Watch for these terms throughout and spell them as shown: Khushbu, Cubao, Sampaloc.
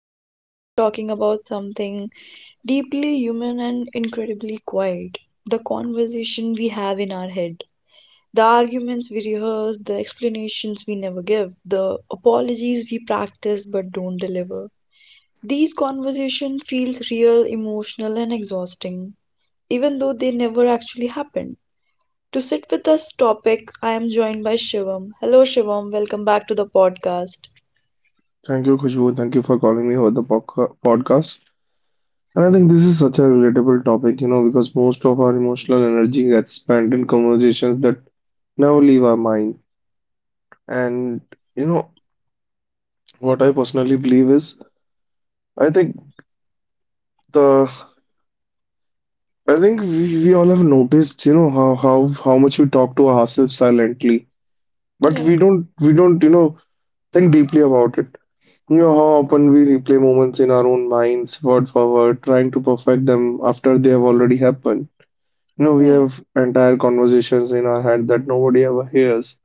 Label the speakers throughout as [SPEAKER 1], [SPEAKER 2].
[SPEAKER 1] and today we are talking about something deeply human and incredibly quiet. The conversation we have in our head, the arguments we rehearse, the explanations we never give, the apologies we practice but don't deliver. These conversation feels real, emotional and exhausting, even though they never actually happened. To sit with this topic, I am joined by Shivam. Hello Shivam, welcome back to the podcast.
[SPEAKER 2] Thank you, Khushbu. Thank you for calling me for the podcast. And I think this is such a relatable topic, because most of our emotional energy gets spent in conversations that never leave our mind. And you know, what I personally believe is, I think the, I think we all have noticed, how much we talk to ourselves silently, but
[SPEAKER 1] Yeah.
[SPEAKER 2] we don't think deeply about it. You know how often we replay moments in our own minds, word for word, trying to perfect them after they have already happened. We
[SPEAKER 1] Yeah,
[SPEAKER 2] have entire conversations in our head that nobody ever hears.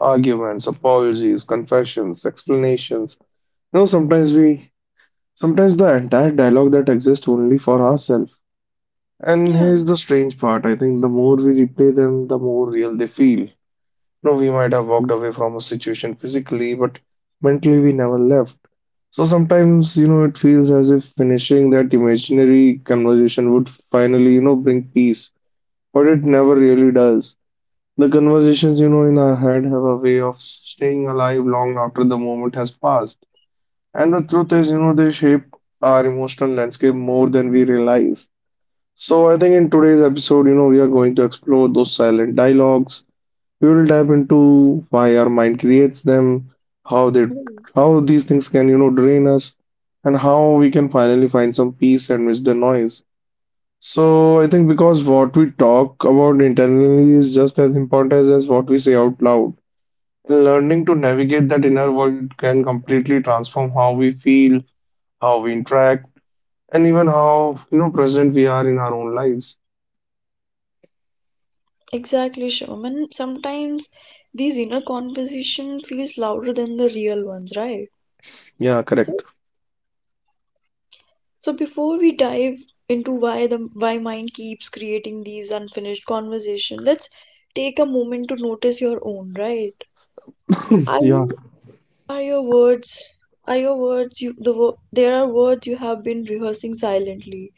[SPEAKER 2] Arguments, apologies, confessions, explanations. You know, sometimes we, Sometimes the entire dialogue that exists only for ourselves. And
[SPEAKER 1] yeah,
[SPEAKER 2] here's the strange part. I think the more we replay them, the more real they feel. We might have walked away from a situation physically, but mentally we never left. So sometimes, it feels as if finishing that imaginary conversation would finally, bring peace, but it never really does. The conversations in our head have a way of staying alive long after the moment has passed. And the truth is, they shape our emotional landscape more than we realize. So I think in today's episode, we are going to explore those silent dialogues. We will dive into why our mind creates them, how they
[SPEAKER 1] mm,
[SPEAKER 2] how these things can, drain us, and how we can finally find some peace amidst the noise. So I think because what we talk about internally is just as important as what we say out loud. Learning to navigate that inner world can completely transform how we feel, how we interact, and even how, present we are in our own lives.
[SPEAKER 1] exactly, Shivam. And sometimes these inner conversation feels louder than the real ones, right?
[SPEAKER 2] Yeah,
[SPEAKER 1] So,
[SPEAKER 2] correct.
[SPEAKER 1] so, before we dive into why the why mind keeps creating these unfinished conversation, let's take a moment to notice your own, right?
[SPEAKER 2] Hmm,
[SPEAKER 1] Are
[SPEAKER 2] yeah,
[SPEAKER 1] you, are your words, there are words you have been rehearsing silently,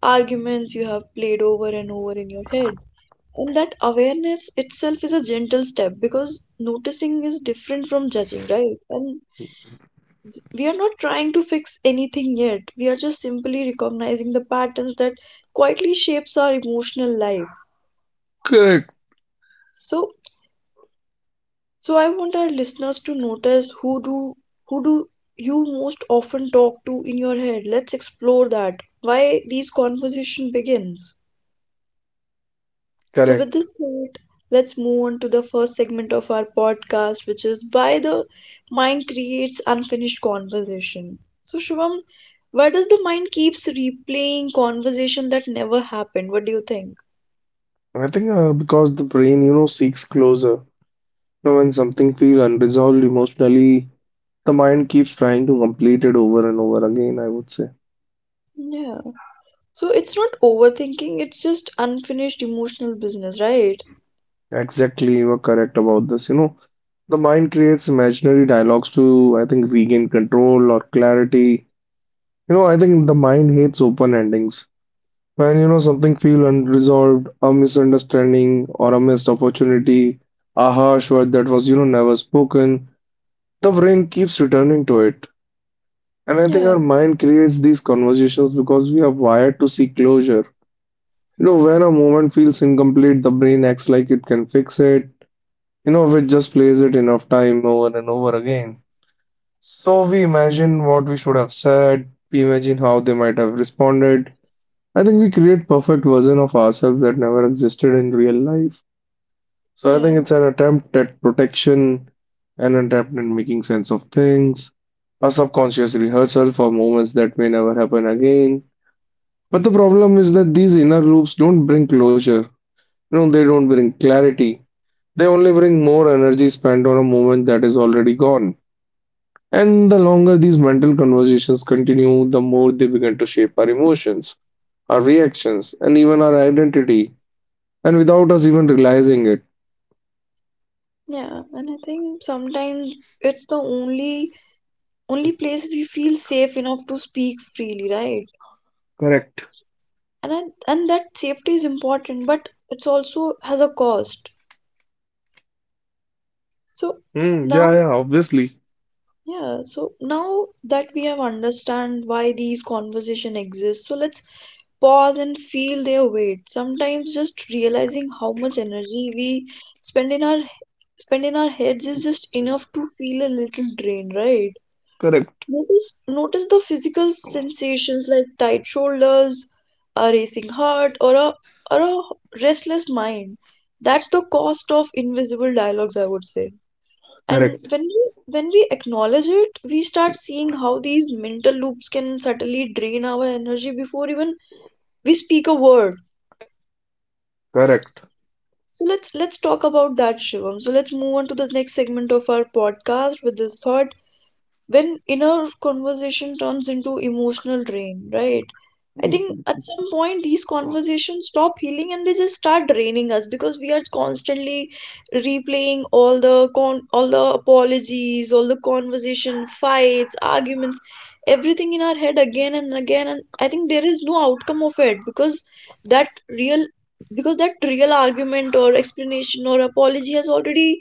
[SPEAKER 1] arguments you have played over and over in your head. And that awareness itself is a gentle step because noticing is different from judging, right? And we are not trying to fix anything yet. We are just simply recognizing the patterns that quietly shapes our emotional life.
[SPEAKER 2] correct,
[SPEAKER 1] So, so, I want our listeners to notice who do you most often talk to in your head. Let's explore that. Why these conversation begins. So, with
[SPEAKER 2] correct.
[SPEAKER 1] this thought, let's move on to the first segment of our podcast, which is why the mind creates unfinished conversation. So, Shivam, why does the mind keeps replaying conversation that never happened? What do you think?
[SPEAKER 2] I think because the brain, seeks closure. When something feels unresolved emotionally, the mind keeps trying to complete it over and over again, I would say.
[SPEAKER 1] Yeah. So it's not overthinking, it's just unfinished emotional business, right?
[SPEAKER 2] Exactly, you are correct about this. The mind creates imaginary dialogues to, I think, regain control or clarity. I think the mind hates open endings. When, something
[SPEAKER 1] Mhm.
[SPEAKER 2] feel unresolved, a misunderstanding or a missed opportunity, a harsh word that was, never spoken, the brain keeps returning to it. And I think
[SPEAKER 1] Yeah,
[SPEAKER 2] our mind creates these conversations because we are wired to seek closure. When a moment feels incomplete, the brain acts like it can fix it. Innovate just plays it enough time over and over again. So we imagine what we should have said, we imagine how they might have responded. I think we create perfect version of ourselves that never existed in real life. So I
[SPEAKER 1] yeah,
[SPEAKER 2] think it's an attempt at protection, an attempt at making sense of things, a subconscious rehearsal for moments that may never happen again. But the problem is that these inner loops don't bring closure. They don't bring clarity. They only bring more energy spent on a moment that is already gone. And the longer these mental conversations continue, the more they begin to shape our emotions, our reactions, and even our identity, and without us even realizing it.
[SPEAKER 1] yeah. And I think sometimes it's the only place we feel safe enough to speak freely, right?
[SPEAKER 2] Correct.
[SPEAKER 1] And that safety is important but it's also has a cost. So
[SPEAKER 2] Hmm. Yeah,
[SPEAKER 1] now,
[SPEAKER 2] yeah, obviously.
[SPEAKER 1] yeah, so now that we have understand why these conversation exist, so let's pause and feel their weight. Sometimes just realizing how much energy we spend in our spend in our heads is just enough to feel a little drained, right?
[SPEAKER 2] Correct.
[SPEAKER 1] Notice the physical sensations like tight shoulders, a racing heart, or a restless mind. That's the cost of invisible dialogues, I would say. And
[SPEAKER 2] Correct.
[SPEAKER 1] when we acknowledge it, we start seeing how these mental loops can subtly drain our energy before even we speak a word.
[SPEAKER 2] Correct.
[SPEAKER 1] So let's talk about that, Shivam. So let's move on to the next segment of our podcast with this thought. When inner conversation turns into emotional drain, right? I think
[SPEAKER 2] Mm.
[SPEAKER 1] at some point these conversations stop healing and they just start draining us because we are constantly replaying all the con all the apologies, all the conversation, fights, arguments, everything in our head again and again. And I think there is no outcome of it that real because that real argument or explanation or apology has already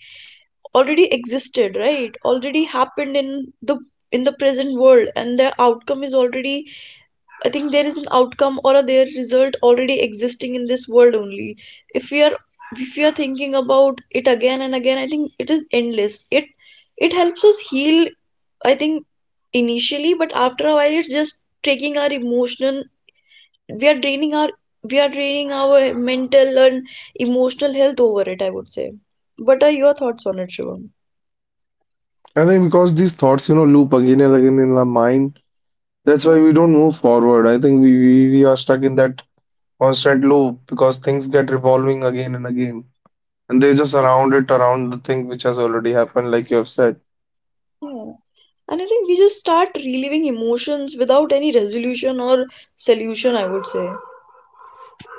[SPEAKER 1] already existed, right? Already happened in the present world and the outcome is already. I think there is an outcome or a there result already existing in this world only if we are thinking about it again and again. I think it is endless. It helps us heal, I think, initially, but after a while it's just taking our emotional, we are draining our we are draining our mental and emotional health over it, I would say. What are your thoughts on it, Shivam?
[SPEAKER 2] I think because these thoughts, loop again and again in our mind, that's
[SPEAKER 1] Yeah,
[SPEAKER 2] why we don't move forward. I think we are stuck in that constant loop because things get revolving again and again. And they just around the thing which has already happened, like you have said.
[SPEAKER 1] yeah. And I think we just start reliving emotions without any resolution or solution, I would say.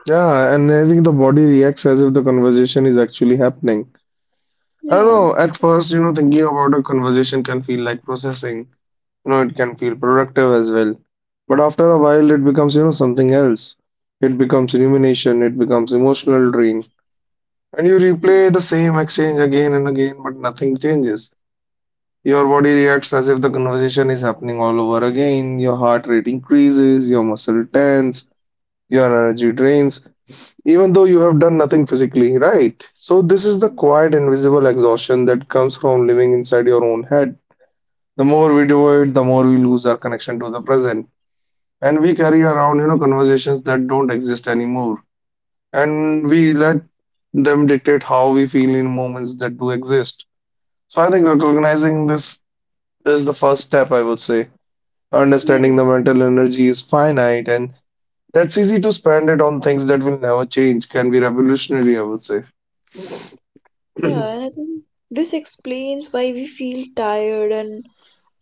[SPEAKER 2] Yeah, and I think the body reacts as if the conversation is actually happening. I don't
[SPEAKER 1] Yeah,
[SPEAKER 2] know, at first, thinking about a conversation can feel like processing. It can feel productive as well. But after a while, it becomes, something else. It becomes rumination, it becomes emotional drain. And you replay the same exchange again and again, but nothing changes. Your body reacts as if the conversation is happening all over again. Your heart rate increases, your muscle tense, your energy drains, even though you have done nothing physically, right? So, this is the quiet, invisible exhaustion that comes from living inside your own head. The more we do it, the more we lose our connection to the present. And we carry around, conversations that don't exist anymore. And we let them dictate how we feel in moments that do exist. So, I think recognizing this is the first step, I would say.
[SPEAKER 1] yeah,
[SPEAKER 2] Understanding the mental energy is finite and that's easy to spend it on things that will never change can be revolutionary, I would say.
[SPEAKER 1] yeah. And I think this explains why we feel tired and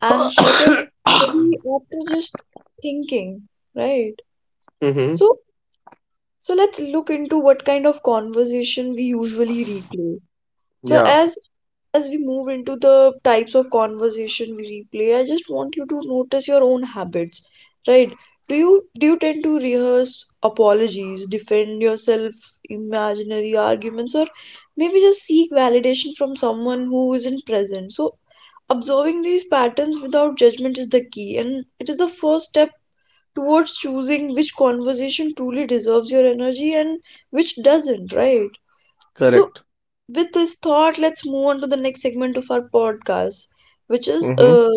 [SPEAKER 1] anxious and heavy after just thinking, right?
[SPEAKER 2] Hmm.
[SPEAKER 1] So, so, let's look into what kind of conversation we usually replay. So,
[SPEAKER 2] Yeah,
[SPEAKER 1] as we move into the types of conversation we replay, I just want you to notice your own habits, right? Do you tend to rehearse apologies, defend yourself, imaginary arguments, or maybe just seek validation from someone who isn't present? So observing these patterns without judgment is the key, and it is the first step towards choosing which conversation truly deserves your energy and which doesn't, right? So
[SPEAKER 2] correct.
[SPEAKER 1] with this thought, let's move on to the next segment of our podcast, which is
[SPEAKER 2] Hmm.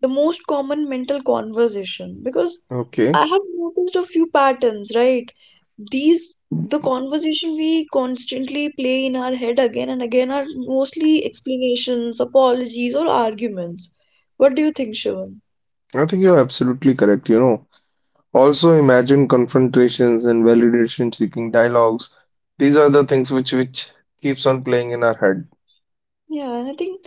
[SPEAKER 1] the most common mental conversation. Because
[SPEAKER 2] Okay.
[SPEAKER 1] I have noticed a few patterns, right? These, the conversation we constantly play in our head again and again are mostly explanations, apologies, or arguments. What do you think, Shivan?
[SPEAKER 2] I think you're absolutely correct. Also imagine confrontations and validation seeking dialogues. These are the things which keeps on playing in our head.
[SPEAKER 1] Yeah, and I think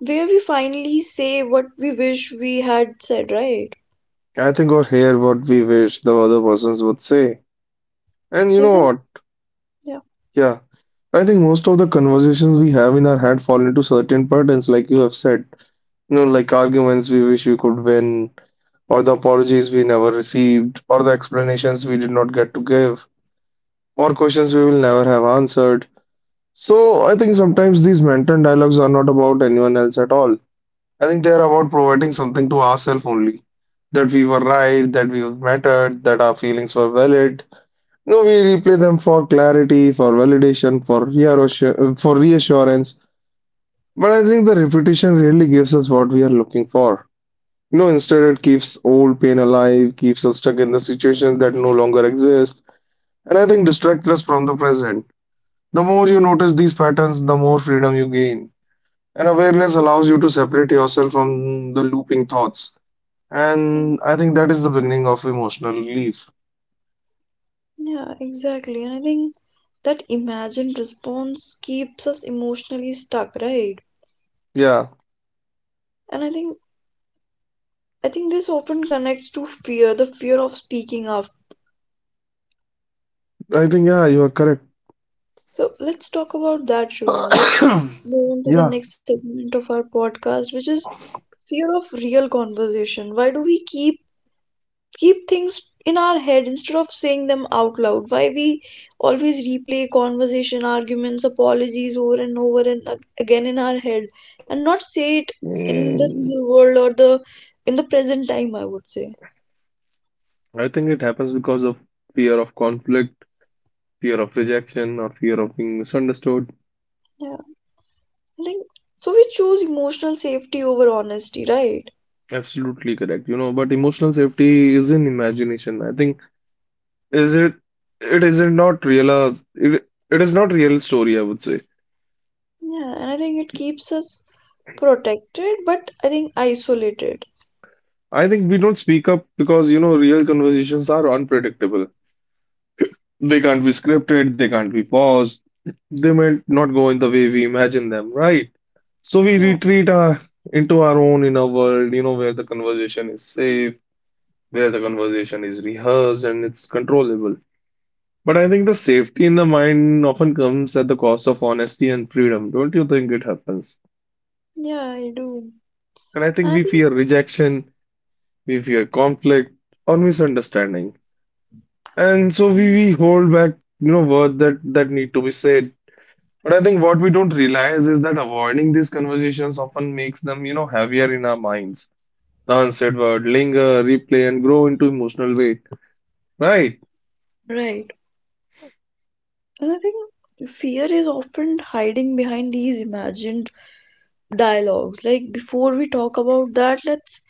[SPEAKER 1] where we finally say what we wish we had said, right?
[SPEAKER 2] I think or hear what we wish the other persons would say. And you know
[SPEAKER 1] Exactly.
[SPEAKER 2] what?
[SPEAKER 1] Yeah.
[SPEAKER 2] Yeah. I think most of the conversations we have in our head fall into certain patterns, like you have said. Like arguments we wish we could win, or the apologies we never received, or the explanations we did not get to give, or questions we will never have answered. So I think sometimes these mental dialogues are not about anyone else at all. I think they are about providing something to ourselves only. That we were right, that we mattered, that our feelings were valid. No, we replay them for clarity, for validation, for reassurance, for reassurance. But I think the repetition really gives us what we are looking for. No, instead it keeps old pain alive, keeps us stuck in the situation that no longer exists, and I think distracts us from the present. The more you notice these patterns, the more freedom you gain. And awareness allows you to separate yourself from the looping thoughts. And I think that is the beginning of emotional relief.
[SPEAKER 1] Yeah, exactly. And I think that imagined response keeps us emotionally stuck, right?
[SPEAKER 2] Yeah,
[SPEAKER 1] And I think this often connects to fear, the fear of speaking up.
[SPEAKER 2] I think, yeah, you are correct.
[SPEAKER 1] So let's talk about that, Shivam. Let's move on to the
[SPEAKER 2] Yeah,
[SPEAKER 1] next segment of our podcast, which is fear of real conversation. Why do we keep things in our head instead of saying them out loud? Why we always replay conversation, arguments, apologies over and over and again in our head and not say it in the
[SPEAKER 2] Mm,
[SPEAKER 1] real world or the present time, I would say?
[SPEAKER 2] I think it happens because of fear of conflict, fear of rejection, or fear of being misunderstood.
[SPEAKER 1] Yeah, I think so we choose emotional safety over honesty, right?
[SPEAKER 2] Absolutely correct. But emotional safety is in imagination. I think is it it isn't not real it is not real story, I would say.
[SPEAKER 1] Yeah, and I think it keeps us protected but I think isolated.
[SPEAKER 2] I think we don't speak up because real conversations are unpredictable. They can't be scripted, they can't be paused. They might not go in the way we imagine them, right? So we
[SPEAKER 1] Yeah,
[SPEAKER 2] retreat into our own inner world, where the conversation is safe, where the conversation is rehearsed and it's controllable. But I think the safety in the mind often comes at the cost of honesty and freedom. Don't you think it happens?
[SPEAKER 1] yeah, I do.
[SPEAKER 2] And I think
[SPEAKER 1] I
[SPEAKER 2] we fear rejection, we fear conflict or misunderstanding. And so we,
[SPEAKER 1] think,
[SPEAKER 2] we hold back, words that need to be said. But I think what we don't realize is that avoiding these conversations often makes them, heavier in our minds. The unsaid word linger, replay, and grow into emotional weight. Right.
[SPEAKER 1] right. And I think fear is often hiding behind these imagined dialogues. Like before we talk about that, let's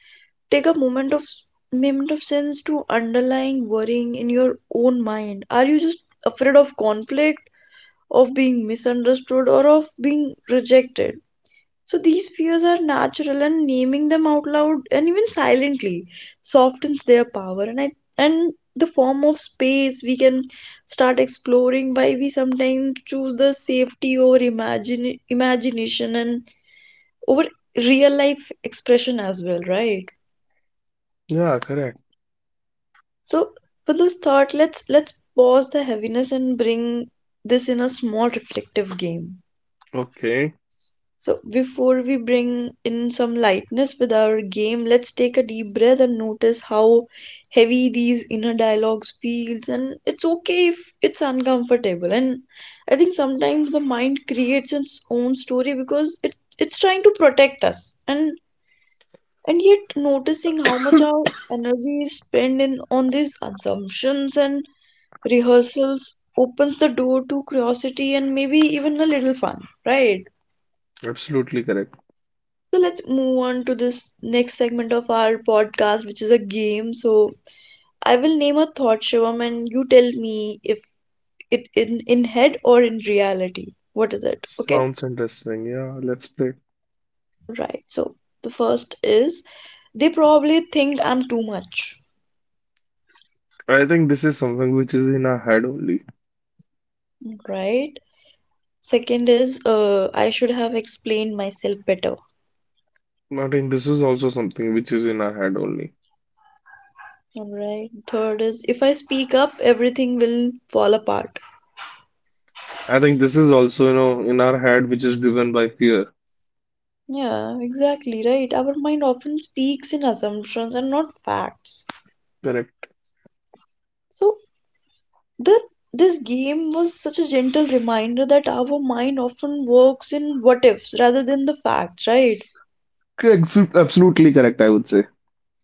[SPEAKER 1] take a moment of sense to underlying worrying in your own mind. Are you just afraid of conflict, of being misunderstood, or of being rejected? So these fears are natural and naming them out loud and even silently softens their power, and I and the form of space we can start exploring why we sometimes choose the safety over imagine imagination and over real life expression as well, right?
[SPEAKER 2] Yeah, correct.
[SPEAKER 1] So for this thought, let's pause the heaviness and bring this in a small reflective game.
[SPEAKER 2] Okay.
[SPEAKER 1] So, before we bring in some lightness with our game, let's take a deep breath and notice how heavy these inner dialogues feels, and it's okay if it's uncomfortable. And I think sometimes the mind creates its own story because it's trying to protect us. And yet noticing how much our energy is spent in on these assumptions and rehearsals opens the door to curiosity and maybe even a little fun, right?
[SPEAKER 2] Absolutely correct.
[SPEAKER 1] So let's move on to this next segment of our podcast, which is a game. So I will name a thought, Shivam, and you tell me if it in head or in reality. What is it? Okay,
[SPEAKER 2] Sounds interesting. Yeah, let's play.
[SPEAKER 1] right. So the first is, they probably think I'm too much,
[SPEAKER 2] I think this is something which is in our head only.
[SPEAKER 1] right? Second is, I should have explained myself better.
[SPEAKER 2] I think this is also something which is in our head only.
[SPEAKER 1] All right. Third is, if I speak up, everything will fall apart.
[SPEAKER 2] I think this is also, in our head which is driven by fear.
[SPEAKER 1] Yeah, exactly right. Our mind often speaks in assumptions and not facts.
[SPEAKER 2] Correct.
[SPEAKER 1] So the this game was such a gentle reminder that our mind often works in what ifs rather than the facts, right?
[SPEAKER 2] Absolutely correct, I would say.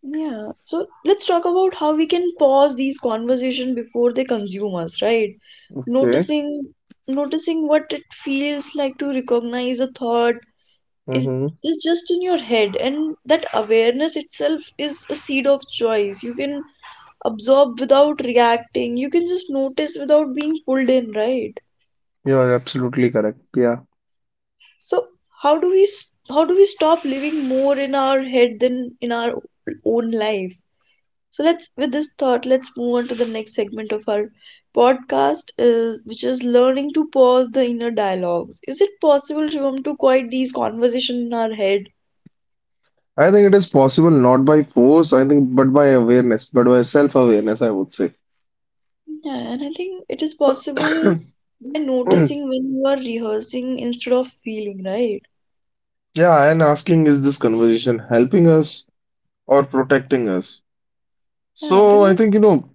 [SPEAKER 1] Yeah. So let's talk about how we can pause these conversations before they consume us, right?
[SPEAKER 2] Okay.
[SPEAKER 1] Noticing noticing what it feels like to recognize a thought it
[SPEAKER 2] Mm-hmm.
[SPEAKER 1] is just in your head, and that awareness itself is a seed of choice. You can absorb without reacting. You can just notice without being pulled in, right?
[SPEAKER 2] You're absolutely correct. Yeah.
[SPEAKER 1] So how do we how do we stop living more in our head than in our own life? So let's, with this thought, let's move on to the next segment of our podcast is, which is learning to pause the inner dialogues. Is it possible, Shivam, to quiet these conversations in our head?
[SPEAKER 2] I think it is possible not by force, I think, but by awareness, but by self-awareness, I would say.
[SPEAKER 1] Yeah, and I think it is possible by noticing when you are rehearsing instead of feeling, right?
[SPEAKER 2] Yeah, and asking is this conversation helping us or protecting us?
[SPEAKER 1] Yeah,
[SPEAKER 2] So I
[SPEAKER 1] because
[SPEAKER 2] think, you know,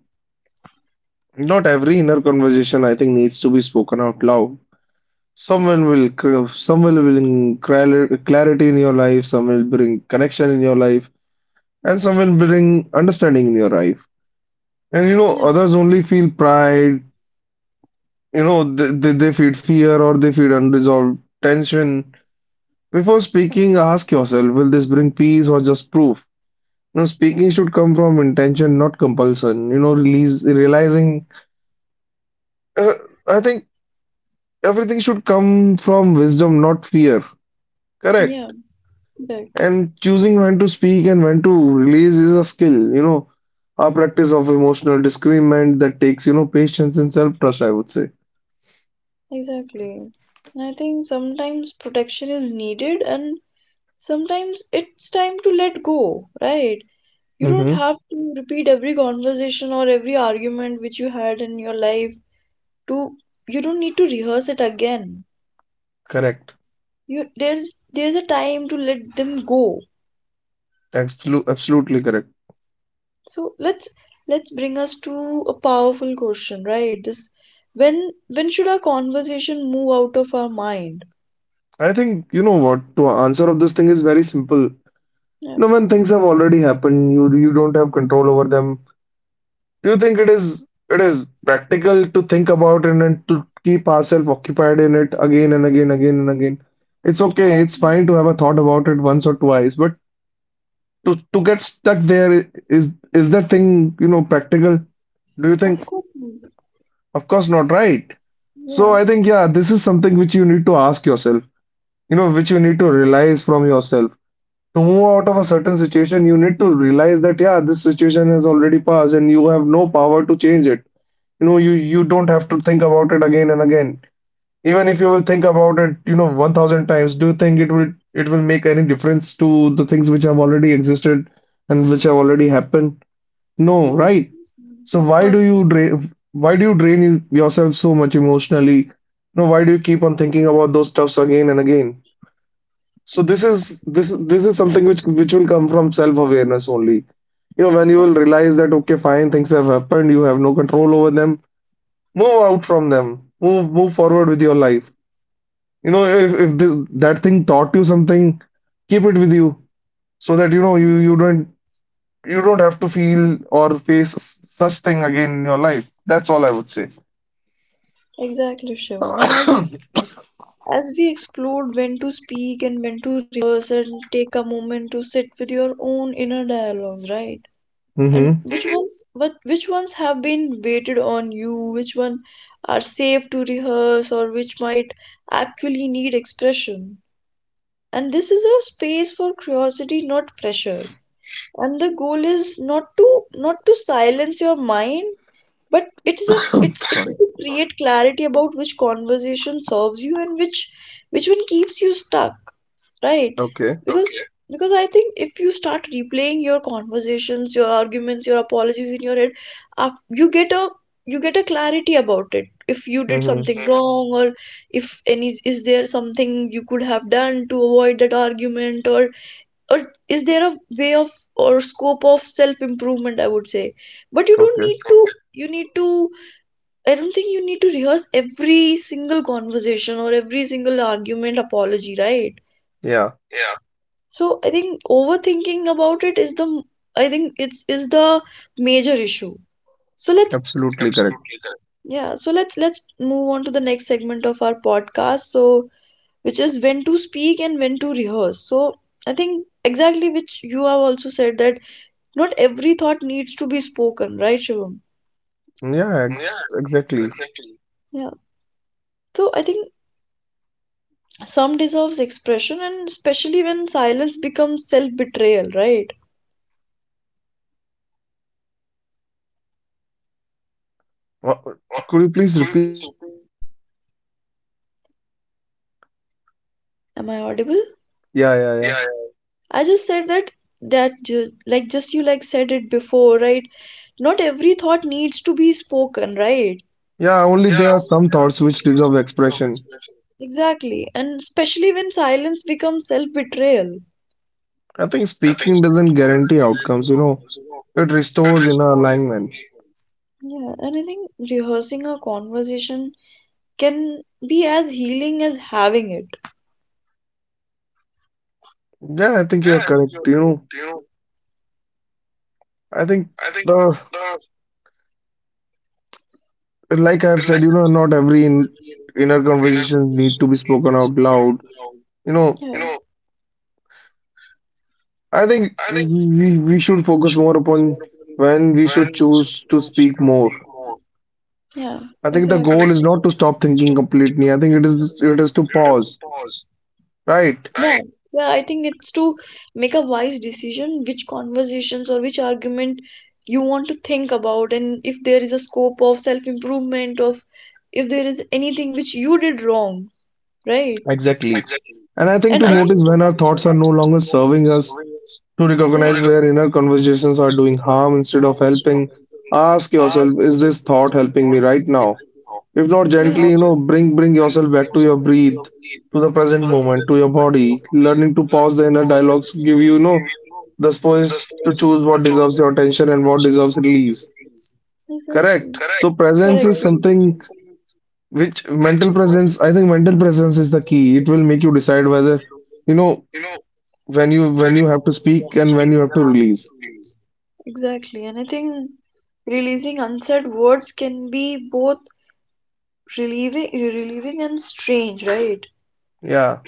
[SPEAKER 2] Not every inner conversation, I think, needs to be spoken out loud. Someone will bring clarity in your life, some will bring connection in your life, and some will bring understanding in your life. And
[SPEAKER 1] yeah,
[SPEAKER 2] others only feel pride, they feel fear or they feel unresolved tension. Before speaking, ask yourself, will this bring peace or just proof? Speaking should come from intention, not compulsion. Release, realizing. Uh, I think everything should come from wisdom, not fear.
[SPEAKER 1] yeah,
[SPEAKER 2] Correct.
[SPEAKER 1] correct.
[SPEAKER 2] And choosing when to speak and when to release is a skill, a practice of emotional discernment that takes, patience and self-trust, I would say.
[SPEAKER 1] Exactly. And I think sometimes protection is needed and sometimes it's time to let go, right? You don't
[SPEAKER 2] Mm-hmm.
[SPEAKER 1] have to repeat every conversation or every argument which you had in your life to, you don't need to rehearse it again.
[SPEAKER 2] Correct.
[SPEAKER 1] You There's a time to let them go.
[SPEAKER 2] Absolutely correct.
[SPEAKER 1] So let's bring us to a powerful question, right? This, when should our conversation move out of our mind?
[SPEAKER 2] I think you know what to answer of this thing is very simple. You
[SPEAKER 1] Yeah,
[SPEAKER 2] know, when things have already happened, you don't have control over them. Do you think it is practical to think about it and to keep ourselves occupied in it again and again, again and again? It's
[SPEAKER 1] of
[SPEAKER 2] okay,
[SPEAKER 1] course,
[SPEAKER 2] it's fine to have a thought about it once or twice, but to get stuck there is that thing, you know, practical? Do you think?
[SPEAKER 1] of course,
[SPEAKER 2] Of course not, right? So
[SPEAKER 1] yeah,
[SPEAKER 2] I think yeah, this is something which you need to ask yourself, you know, which you need to realize from yourself. To move out of a certain situation, you need to realize that yeah, this situation has already passed and you have no power to change it. You know, you don't have to think about it again and again. Even if you will think about it, you know, 1000 times, do you think it will, it will make any difference to the things which have already existed and which have already happened? No,
[SPEAKER 1] no,
[SPEAKER 2] right? So
[SPEAKER 1] of
[SPEAKER 2] why
[SPEAKER 1] course,
[SPEAKER 2] do you drain, why do you drain yourself so much emotionally? No, why do you keep on thinking about those stuffs again and again? So this is this is something which will come from self awareness only. You know, when you will realize that okay fine, things have happened, you have no control over them. Move out from them. Move forward with your life. You know, if this, that thing taught you something, keep it with you so that you know you don't, you don't have to feel or face such thing again in your life. That's all I would say.
[SPEAKER 1] exactly, Shivam. And as we explored when to speak and when to rehearse and take a moment to sit with your own inner dialogues, right? And
[SPEAKER 2] Mm-hmm.
[SPEAKER 1] which ones have been weighted on you, which one are safe to rehearse or which might actually need expression. And this is a space for curiosity, not pressure. And the goal is not to, not to silence your mind, but it is a, it's
[SPEAKER 2] Sorry.
[SPEAKER 1] to create clarity about which conversation serves you and which one keeps you stuck, right?
[SPEAKER 2] Okay.
[SPEAKER 1] Because okay. Because I think if you start replaying your conversations, your arguments, your apologies in your head, af you get a clarity about it. If you did
[SPEAKER 2] Mm-hmm.
[SPEAKER 1] something wrong, or if any is there something you could have done to avoid that argument, or is there a way of or scope of self improvement, I would say. But you don't
[SPEAKER 2] Okay.
[SPEAKER 1] need to. Okay. You need to, I don't think you need to rehearse every single conversation or every single argument apology, right?
[SPEAKER 2] Yeah.
[SPEAKER 1] So I think overthinking about it is the, I think it's is the major issue. So let's
[SPEAKER 2] Absolutely correct.
[SPEAKER 1] yeah, so let's move on to the next segment of our podcast. So which is when to speak and when to rehearse. So I think exactly, which you have also said, that not every thought needs to be spoken, right, Shivam?
[SPEAKER 2] Yeah. Ex Exactly.
[SPEAKER 1] Yeah. So I think some deserves expression, and especially when silence becomes self-betrayal, right?
[SPEAKER 2] Wha- Could you please repeat?
[SPEAKER 1] Am I audible?
[SPEAKER 2] Yeah. Yeah. Yeah.
[SPEAKER 1] I just said that, like just you like said it before, right? Not every thought needs to be spoken, right?
[SPEAKER 2] Yeah. Only there are some thoughts which deserve expression.
[SPEAKER 1] Exactly. And especially when silence becomes self betrayal.
[SPEAKER 2] I think speaking doesn't guarantee outcomes, you know, it restores inner alignment.
[SPEAKER 1] Yeah, and I think rehearsing a conversation can be as healing as having it.
[SPEAKER 2] Yeah, I think you are correct. You know, I think the, like I've said, you know, not every inner conversations need to be spoken out loud. You know,
[SPEAKER 1] You Yeah,
[SPEAKER 2] I think we should focus more upon when we should choose to speak more.
[SPEAKER 1] yeah,
[SPEAKER 2] I
[SPEAKER 1] I
[SPEAKER 2] think the
[SPEAKER 1] exactly.
[SPEAKER 2] goal is not to stop thinking completely. I think it is to pause, right?
[SPEAKER 1] Yeah, yeah, I think it's to make a wise decision which conversations or which argument you want to think about, and if there is a scope of self improvement, of if there is anything which you did wrong. Right?
[SPEAKER 2] Exactly. And I think
[SPEAKER 1] And
[SPEAKER 2] to
[SPEAKER 1] I
[SPEAKER 2] notice
[SPEAKER 1] think,
[SPEAKER 2] when our thoughts are no longer serving us. To
[SPEAKER 1] to yeah,
[SPEAKER 2] recognize where inner conversations are doing harm instead of helping, ask yourself, is this thought helping me right now? If not
[SPEAKER 1] yeah,
[SPEAKER 2] gently, you know, bring yourself back to your breath, to the present moment, to your body. Learning to pause the inner dialogues give you, you know, the space to choose what deserves your attention and what deserves release.
[SPEAKER 1] exactly,
[SPEAKER 2] Correct. So presence
[SPEAKER 1] correct,
[SPEAKER 2] is something which, mental presence, I think mental presence is the key. It will make you decide whether, you know, when you have to speak and when you have to release.
[SPEAKER 1] exactly. And I think releasing unsaid words can be both relieving, relieving and strange, right?
[SPEAKER 2] Yeah.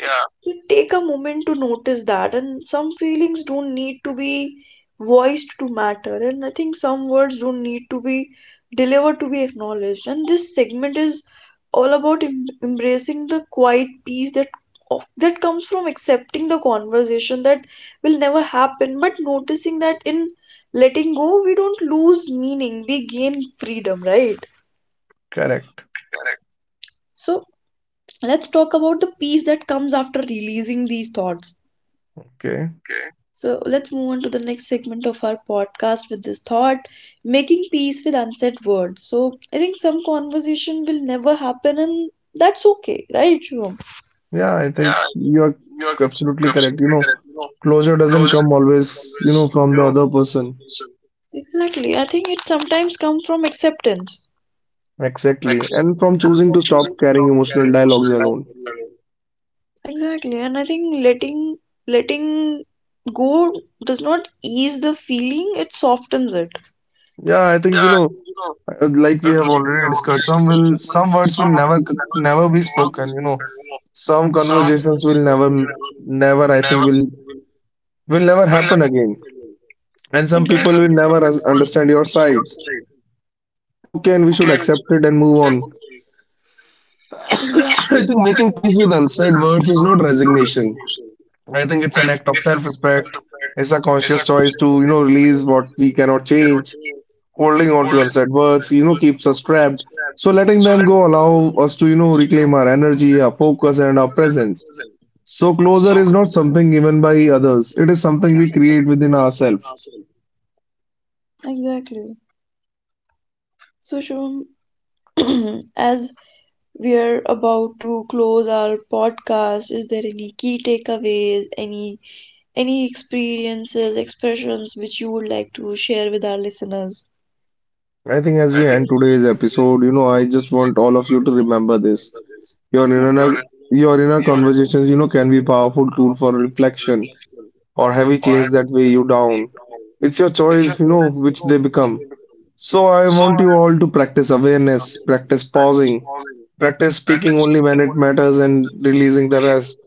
[SPEAKER 1] So take a moment to notice that. And some feelings don't need to be voiced to matter. And I think some words don't need to be delivered to be acknowledged. And this segment is all about embracing the quiet peace that that comes from accepting the conversation that will never happen, but noticing that in letting go, we don't lose meaning, we gain freedom, right?
[SPEAKER 2] Correct.
[SPEAKER 1] So let's talk about the peace that comes after releasing these thoughts.
[SPEAKER 2] Okay.
[SPEAKER 1] So let's move on to the next segment of our podcast with this thought, making peace with unsaid words. So I think some conversation will never happen, and that's okay, right, Shubham?
[SPEAKER 2] Yeah, I think you're absolutely correct. You know, closure doesn't come always, you know, from the other person.
[SPEAKER 1] Exactly. I think it sometimes comes from acceptance.
[SPEAKER 2] Exactly. And from choosing to stop carrying emotional dialogues alone.
[SPEAKER 1] Exactly. And I think letting go does not ease the feeling, it softens it.
[SPEAKER 2] Yeah, I think, you know, like we have already discussed, some will, some words will never, never be spoken, you know. Some conversations will never, never, I think, will never happen again. And some
[SPEAKER 1] Exactly.
[SPEAKER 2] people will
[SPEAKER 1] Some people
[SPEAKER 2] never
[SPEAKER 1] will never
[SPEAKER 2] understand your
[SPEAKER 1] understand your
[SPEAKER 2] side.
[SPEAKER 1] state.
[SPEAKER 2] And I think that is okay and we should accept it and move on. I
[SPEAKER 1] Exactly.
[SPEAKER 2] think making peace with unsaid words is not resignation. I think it's an act of self-respect. It's a conscious choice to, you know, release what we cannot change. Holding on to unsaid words, you know, keeps us trapped. So letting them go allow us to, you know, reclaim our energy, our focus, and our presence. So closure is not something given by others. It is something we create within ourselves.
[SPEAKER 1] Exactly. So Shubham, as we are about to close our podcast, is there any key takeaways, any experiences, expressions which you would like to share with our listeners?
[SPEAKER 2] I think as we end today's episode, you know, I just want all of you to remember this. Your
[SPEAKER 1] Yeah.
[SPEAKER 2] inner your inner conversations, you know, can be powerful tool for reflection or heavy chains that weigh you down. It's your choice, you know, which they become. So I want you all to practice awareness, practice pausing, practice speaking only when it matters and releasing the rest.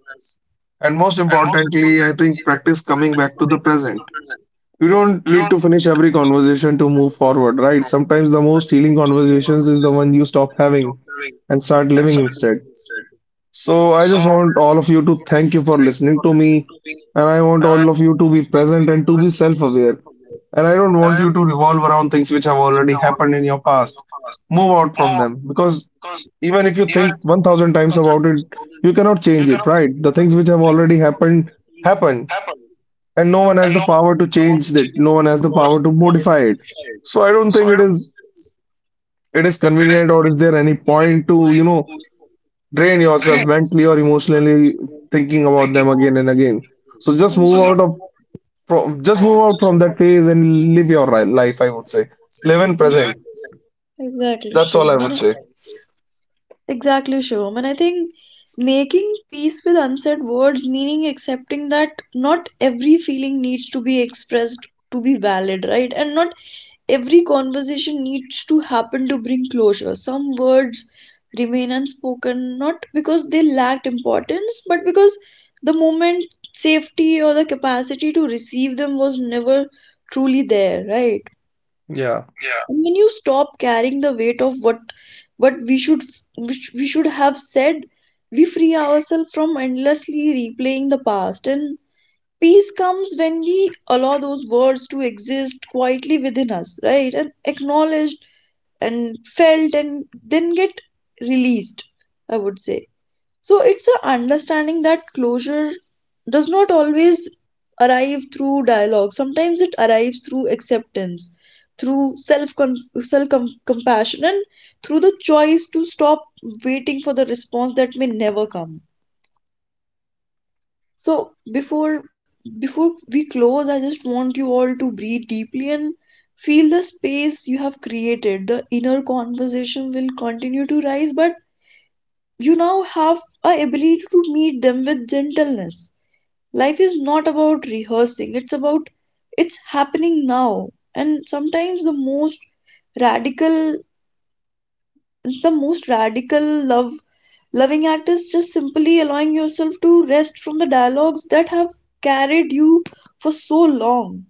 [SPEAKER 2] And most importantly, I think practice coming back to the present. You don't need to finish every conversation to move forward, right? Sometimes the most healing conversations is the one you stop having and start living instead. So I just want all of you to thank you for listening to me, and I want all of you to be present and to be self-aware. And I don't want you to revolve around things which have already happened in your past. Move out from them because even if you think 1000 times about it, you cannot change it, right? The things which have already happened happen, and no one has the power to change it. No one has the power to modify it. So I don't think it is convenient or is there any point to, you know, drain yourself mentally or emotionally thinking about them again and again. So just move
[SPEAKER 1] Yeah.
[SPEAKER 2] out of from just move out from that phase and live your life, I would say. Live in present.
[SPEAKER 1] Exactly. Exactly,
[SPEAKER 2] That's all I
[SPEAKER 1] Shivam.
[SPEAKER 2] would say.
[SPEAKER 1] Exactly, Shivam. And I think making peace with unsaid words, meaning accepting that not every feeling needs to be expressed to be valid, right? And not every conversation needs to happen to bring closure. Some words remain unspoken not because they lacked importance, but because the moment safety or the capacity to receive them was never truly there, right?
[SPEAKER 2] Yeah.
[SPEAKER 1] And when you stop carrying the weight of what we should which we should have said, we free ourselves from endlessly replaying the past, and peace comes when we allow those words to exist quietly within us, right, and acknowledged and felt and then get released, I would say. So it's a understanding that closure does not always arrive through dialogue. Sometimes it arrives through acceptance, through self compassion, and through the choice to stop waiting for the response that may never come. So before we close, I just want you all to breathe deeply and feel the space you have created. The inner conversation will continue to rise, but you now have a ability to meet them with gentleness. Life is not about rehearsing, it's about it's happening now. And sometimes radical the most radical love loving act is just simply allowing yourself to rest from the dialogues that have carried you for so long.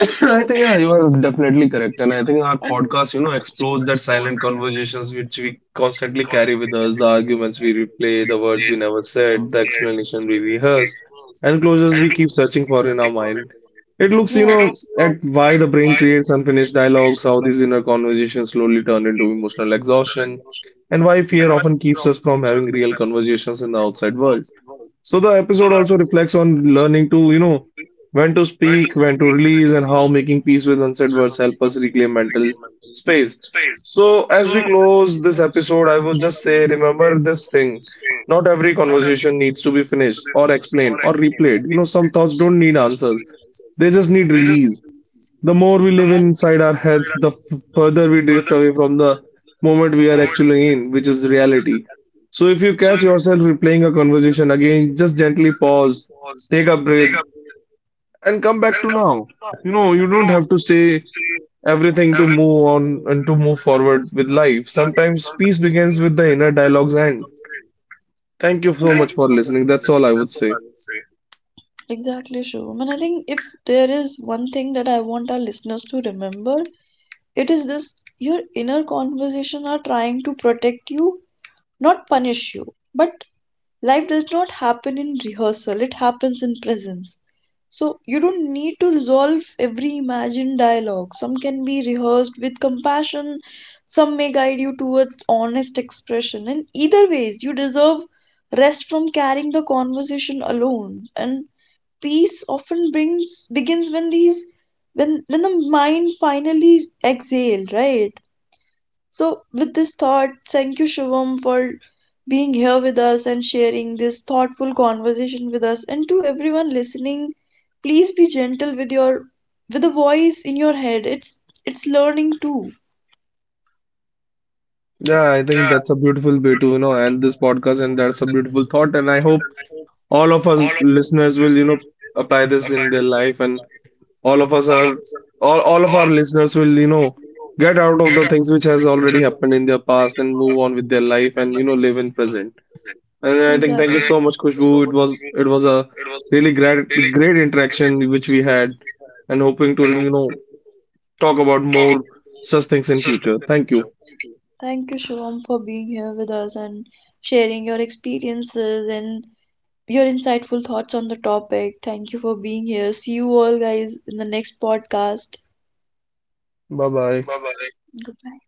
[SPEAKER 2] I think yeah, you are definitely correct, and I think our podcast, you know, explores that silent conversations which we constantly carry with us, the arguments we replay, the words we never said, the explanation we rehearse, and closures we keep searching for in our mind. It looks,
[SPEAKER 1] Yeah.
[SPEAKER 2] you
[SPEAKER 1] It
[SPEAKER 2] know,
[SPEAKER 1] looks, so,
[SPEAKER 2] at why the brain creates unfinished dialogues, how these inner conversations slowly turn into emotional exhaustion, and why fear often keeps us from having real conversations in the outside world. So the episode also reflects on learning to, you know, when to speak, when to release, and how making peace with unsaid words help us reclaim mental space. So as we close this episode, I will just say, remember this thing. Not every conversation needs to be finished or explained or replayed. You know, some thoughts don't need answers. They just need release. The more we live inside our heads, the further we drift away from the moment we are actually in, which is reality. So if you catch yourself replaying a conversation again, just gently pause, take a breath, and come back to now. You know, you don't have to say everything to move on and to move forward with life. Sometimes peace begins with the inner dialogue's end. Thank you so much
[SPEAKER 1] exactly.
[SPEAKER 2] for listening. That's all I would say.
[SPEAKER 1] Exactly, Shubham. And I think if there is one thing that I want our listeners to remember, it is this: your inner conversation are trying to protect you, not punish you. But life does not happen in rehearsal, it happens in presence. So you don't need to resolve every imagined dialogue. Some can be rehearsed with compassion, some may guide you towards honest expression. And either ways, you deserve rest from carrying the conversation alone. And peace often brings begins when these when the mind finally exhale, right? So, with this thought, thank you, Shivam, for being here with us and sharing this thoughtful conversation with us. And to everyone listening, please be gentle with your with the voice in your head. It's learning too.
[SPEAKER 2] Yeah, I think that's a beautiful way to, you know, end this podcast, and that's a beautiful thought. And I hope all of us listeners will, you know, apply this in their life, and all of us are, all of our listeners will, you know, get out of the things which has already happened in their past and move on with their life and, you know, live in present. And I think
[SPEAKER 1] Exactly. And
[SPEAKER 2] thank you so much,
[SPEAKER 1] thank you so much
[SPEAKER 2] Kushbu. it
[SPEAKER 1] for
[SPEAKER 2] was
[SPEAKER 1] sharing
[SPEAKER 2] it was
[SPEAKER 1] this.
[SPEAKER 2] a
[SPEAKER 1] It was
[SPEAKER 2] really
[SPEAKER 1] really
[SPEAKER 2] great
[SPEAKER 1] great.
[SPEAKER 2] interaction which
[SPEAKER 1] Conversation
[SPEAKER 2] we had,
[SPEAKER 1] we had.
[SPEAKER 2] and hoping to, you know, talk about more such things in future. Thank you.
[SPEAKER 1] Thank you, Shivam, for being here with us and sharing your experiences and your insightful thoughts on the topic. Thank you for being here. See you all guys in the next podcast.
[SPEAKER 2] Bye bye.
[SPEAKER 1] Goodbye.